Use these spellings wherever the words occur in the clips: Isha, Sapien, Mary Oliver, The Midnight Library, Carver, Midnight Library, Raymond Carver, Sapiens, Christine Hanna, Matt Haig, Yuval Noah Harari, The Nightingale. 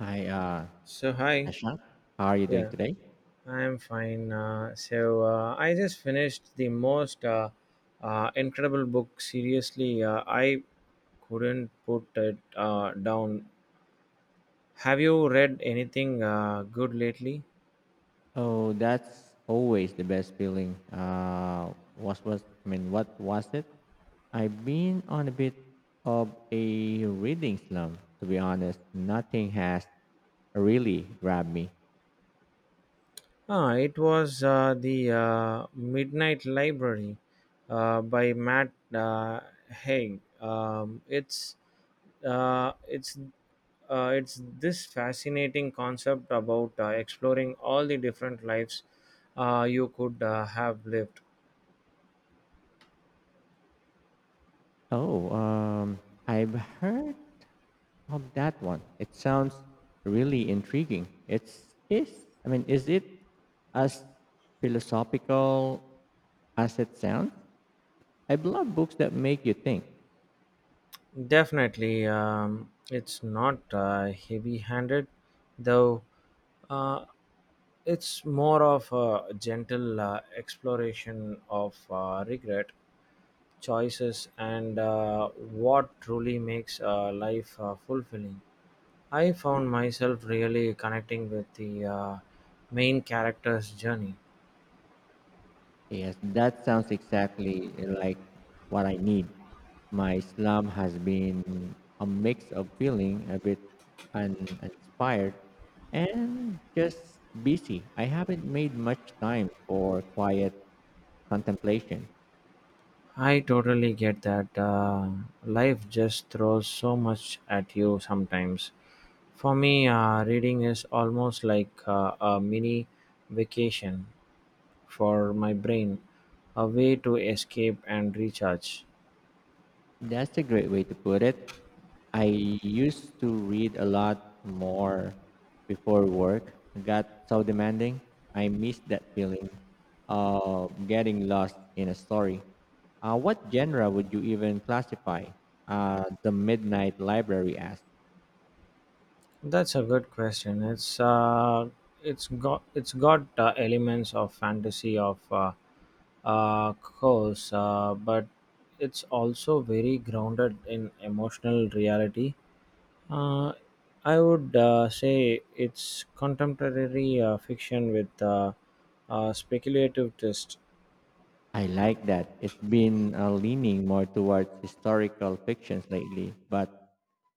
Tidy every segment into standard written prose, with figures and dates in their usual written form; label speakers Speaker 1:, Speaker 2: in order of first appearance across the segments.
Speaker 1: Hi,
Speaker 2: So hi,
Speaker 1: Asha. How are you doing
Speaker 2: yeah,
Speaker 1: today?
Speaker 2: I'm fine. I just finished the most incredible book. Seriously, I couldn't put it down. Have you read anything good lately?
Speaker 1: Oh, that's always the best feeling. What was I mean? What was it? I've been on a bit of a reading slump, to be honest. Nothing has really grabbed me.
Speaker 2: It was the Midnight Library by Matt Haig. Uh, it's it's this fascinating concept about exploring all the different lives you could have lived.
Speaker 1: Oh, I've heard of that one. It sounds really intriguing. It's is. I mean, is it as philosophical as it sounds? I love books that make you think.
Speaker 2: Definitely, it's not heavy-handed, though. Uh, it's more of a gentle exploration of regret, choices, and what truly makes life fulfilling. I found myself really connecting with the main character's journey.
Speaker 1: Yes, that sounds exactly like what I need. My slump has been a mix of feeling a bit uninspired and just busy. I haven't made much time for quiet contemplation.
Speaker 2: I totally get that. Life just throws so much at you sometimes. For me, reading is almost like a mini vacation for my brain, a way to escape and recharge.
Speaker 1: That's a great way to put it. I used to read a lot more before work. Got so demanding. I miss that feeling of getting lost in a story. What genre would you even classify the Midnight Library as?
Speaker 2: That's a good question. It's got elements of fantasy, of course, but it's also very grounded in emotional reality. Uh, I would say it's contemporary fiction with a speculative twist.
Speaker 1: I like that. It's been leaning more towards historical fictions lately, but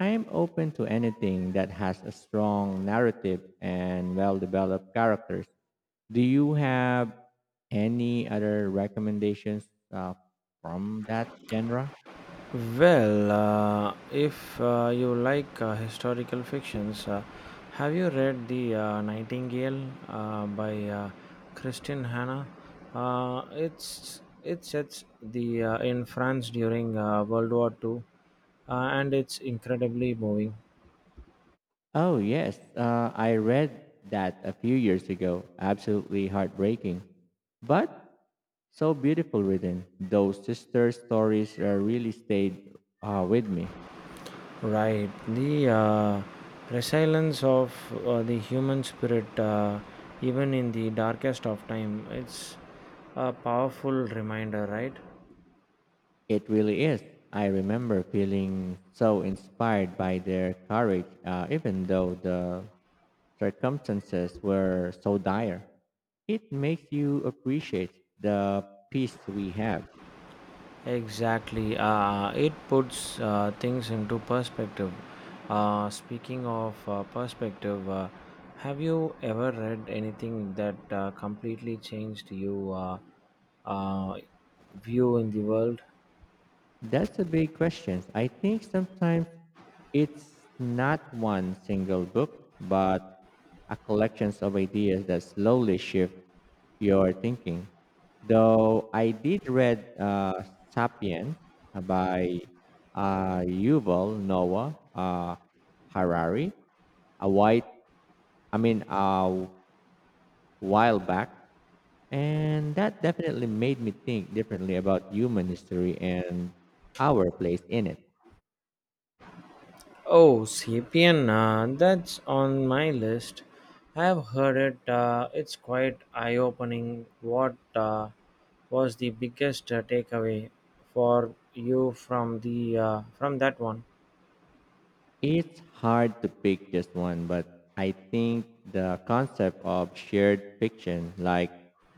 Speaker 1: I'm open to anything that has a strong narrative and well developed characters. Do you have any other recommendations uh, from that genre?
Speaker 2: Well, if you like historical fictions, have you read The Nightingale by Christine Hanna? It sets the in France during World War II, uh, and it's incredibly moving.
Speaker 1: Oh, yes. I read that a few years ago. Absolutely heartbreaking. But so beautiful written. Those sister stories really stayed with me.
Speaker 2: Right, the resilience of the human spirit, even in the darkest of time, it's a powerful reminder, right?
Speaker 1: It really is. I remember feeling so inspired by their courage, even though the circumstances were so dire. It makes you appreciate the peace we have.
Speaker 2: Exactly. It puts things into perspective. Speaking of perspective, have you ever read anything that completely changed your uh, uh, view in the world?
Speaker 1: That's a big question. I think sometimes it's not one single book, but a collection of ideas that slowly shift your thinking. Though I did read *Sapiens* by Yuval Noah Harari, a white, I mean, a while back, and that definitely made me think differently about human history and our place in it.
Speaker 2: Oh, Sapien, that's on my list. I have heard it. It's quite eye opening. What was the biggest takeaway for you from the from that one?
Speaker 1: It's hard to pick just one, but I think the concept of shared fiction like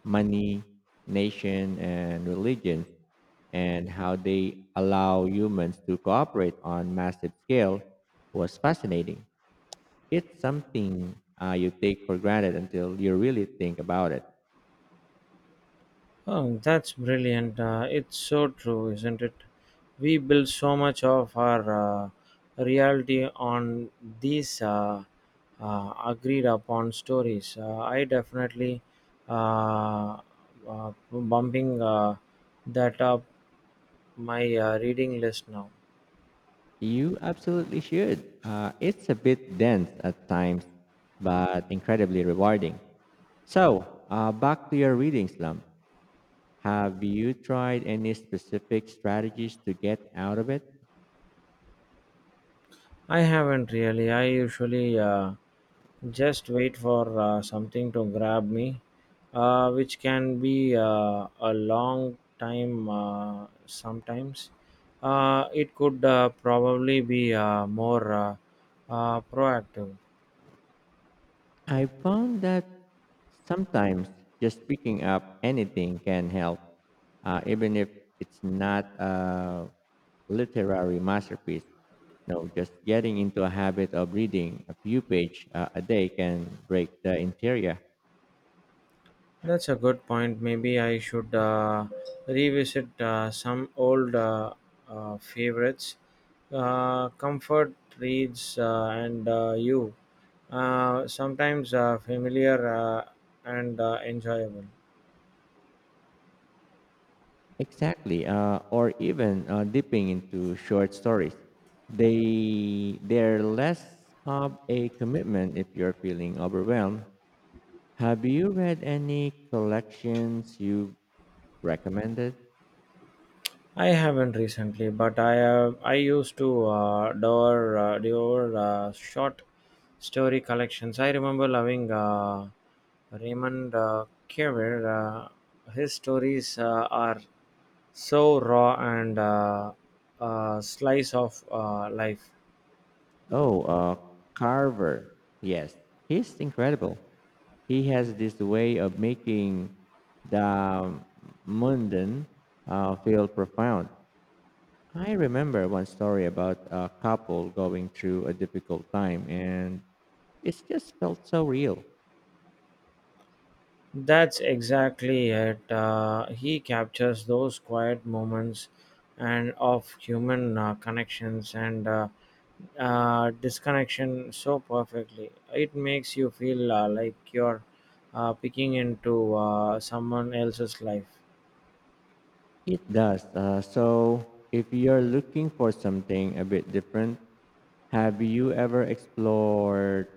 Speaker 1: money, nation, and religion, and how they allow humans to cooperate on massive scale was fascinating. It's something you take for granted until you really think about it.
Speaker 2: Oh, that's brilliant. It's so true, isn't it? We build so much of our uh, reality on these agreed upon stories. I definitely uh, bumping that up my reading list now.
Speaker 1: You absolutely should. It's a bit dense at times, but incredibly rewarding. So, back to your reading slump. Have you tried any specific strategies to get out of it?
Speaker 2: I haven't really. I usually just wait for something to grab me, which can be a long time sometimes. It could probably be more proactive.
Speaker 1: I found that sometimes just picking up anything can help, even if it's not a literary masterpiece. No, just getting into a habit of reading a few pages a day can break the interior.
Speaker 2: That's a good point. Maybe I should revisit some old favorites. Comfort reads and you. Sometimes familiar and enjoyable.
Speaker 1: Exactly, or even dipping into short stories. They're less of a commitment if you're feeling overwhelmed. Have you read any collections you Recommended?
Speaker 2: I haven't recently, but I have. I used to adore devour short story collections. I remember loving Raymond Carver. His stories are so raw and a slice of life.
Speaker 1: Oh, Carver. Yes, he's incredible. He has this way of making the mundane feel profound. I remember one story about a couple going through a difficult time, and it just felt so real.
Speaker 2: That's exactly it. He captures those quiet moments and of human connections and disconnection so perfectly. It makes you feel like you're peeking into someone else's life.
Speaker 1: It does. So, if you're looking for something a bit different, have you ever explored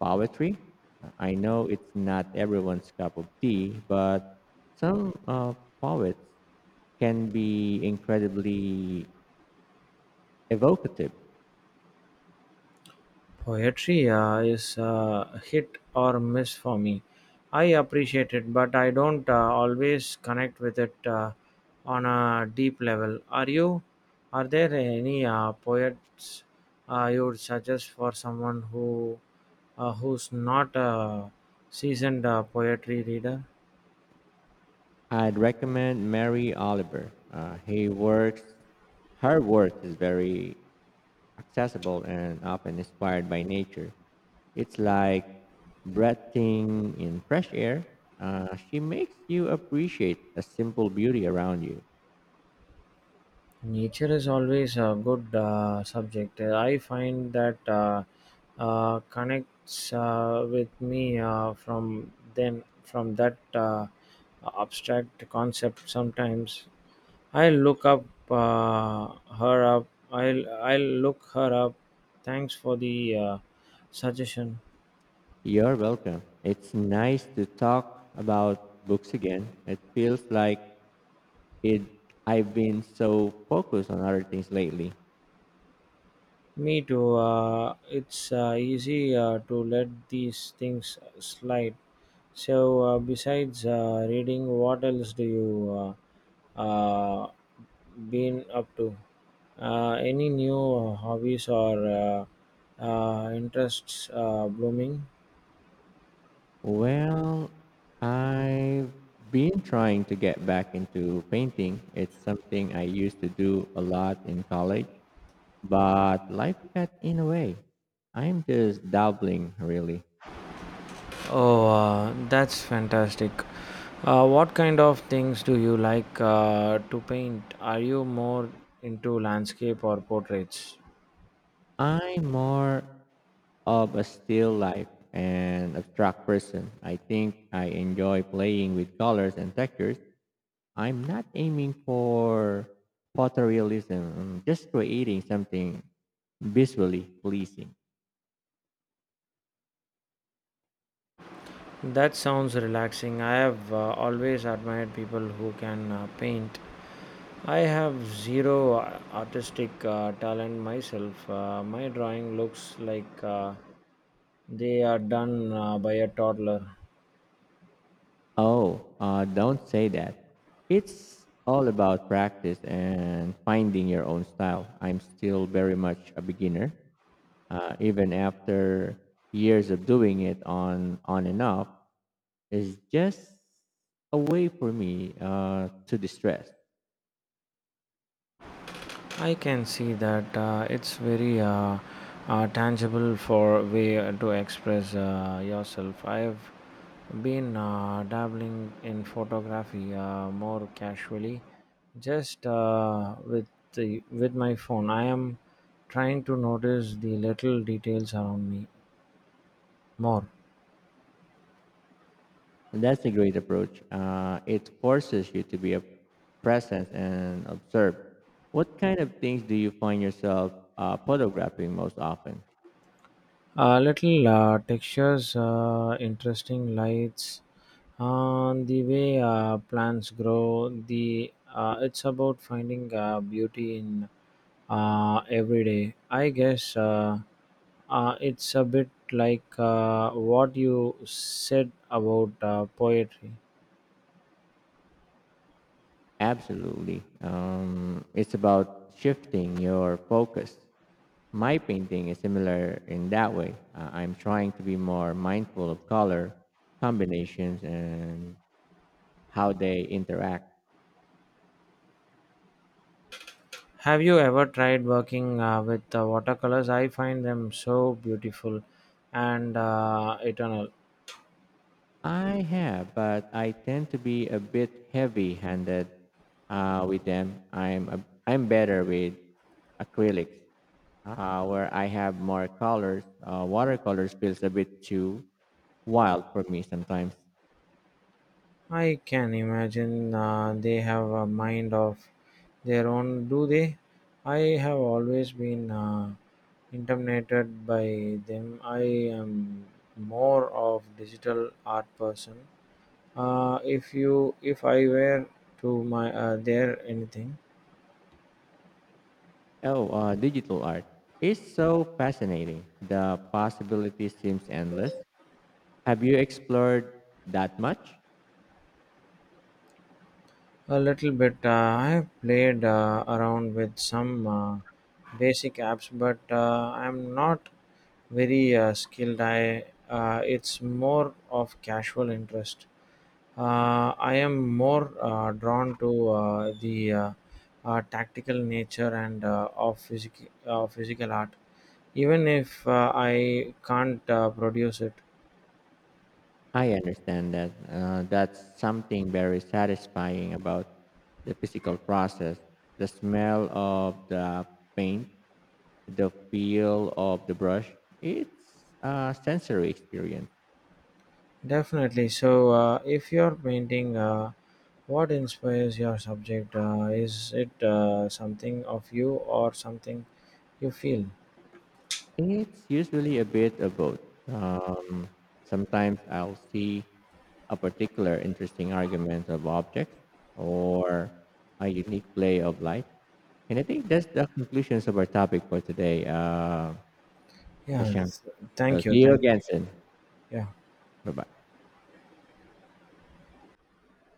Speaker 1: poetry? I know it's not everyone's cup of tea, but some poets can be incredibly evocative.
Speaker 2: Poetry is hit or miss for me. I appreciate it, but I don't always connect with it on a deep level. Are you? Are there any poets you would suggest for someone who's not a seasoned poetry reader?
Speaker 1: I'd recommend Mary Oliver. Her work is very accessible and often inspired by nature. It's like breathing in fresh air. She makes you appreciate the simple beauty around you.
Speaker 2: Nature is always a good subject. I find that connects with me from that abstract concept. Sometimes I look up her up. I'll look her up. Thanks for the suggestion.
Speaker 1: You're welcome. It's nice to talk about books again. It feels like it. I've been so focused on other things lately.
Speaker 2: Me too. It's easy to let these things slide. So, besides reading, what else do you uh, uh, been up to? Any new hobbies or interests blooming?
Speaker 1: Well, I've been trying to get back into painting. It's something I used to do a lot in college But life got in a way. I'm just dabbling, really.
Speaker 2: Oh, that's fantastic. What kind of things do you like to paint? Are you more into landscape or portraits?
Speaker 1: I'm more of a still life and abstract person. I think I enjoy playing with colors and textures. I'm not aiming for photorealism, I'm just creating something visually pleasing.
Speaker 2: That sounds relaxing. I have always admired people who can paint. I have zero artistic talent myself. My drawing looks like they are done by a toddler.
Speaker 1: Oh, don't say that. It's all about practice and finding your own style. I'm still very much a beginner, even after years of doing it on and off. It's just a way for me to distress,
Speaker 2: I can see that it's very tangible for way to express yourself. I have been dabbling in photography more casually, just with the with my phone. I am trying to notice the little details around me more.
Speaker 1: and that's a great approach. It forces you to be a present and observe. What kind of things do you find yourself photographing most often?
Speaker 2: Little textures, interesting lights, the way plants grow. The it's about finding beauty in every day. I guess it's a bit like what you said about poetry.
Speaker 1: Absolutely. It's about shifting your focus. My painting is similar in that way. I'm trying to be more mindful of color combinations and how they interact.
Speaker 2: Have you ever tried working with watercolors? I find them so beautiful and eternal.
Speaker 1: I have, but I tend to be a bit heavy-handed with them. I'm better with acrylics, where I have more colors. Watercolors feels a bit too wild for me sometimes.
Speaker 2: I can imagine they have a mind of their own, do they? I have always been intimidated by them. I am more of digital art person. If I were to my there anything.
Speaker 1: Oh, digital art is so fascinating. The possibility seems endless. Have you explored that much?
Speaker 2: A little bit. I've played around with some basic apps, but I'm not very skilled. I it's more of casual interest. I am more drawn to the tactical nature and of physical art, even if I can't produce it.
Speaker 1: I understand that. That's something very satisfying about the physical process. The smell of the paint, the feel of the brush, it's a sensory experience.
Speaker 2: Definitely. So, if you're painting, what inspires your subject? Is it something of you or something you feel?
Speaker 1: It's usually a bit of both. Um, Sometimes I'll see a particular interesting argument of objects or a unique play of light. And I think that's the conclusions of our topic for today.
Speaker 2: Yeah.
Speaker 1: Shashank. So
Speaker 2: Thank you.
Speaker 1: see you
Speaker 2: Thank
Speaker 1: again soon.
Speaker 2: you. Yeah.
Speaker 1: Bye bye.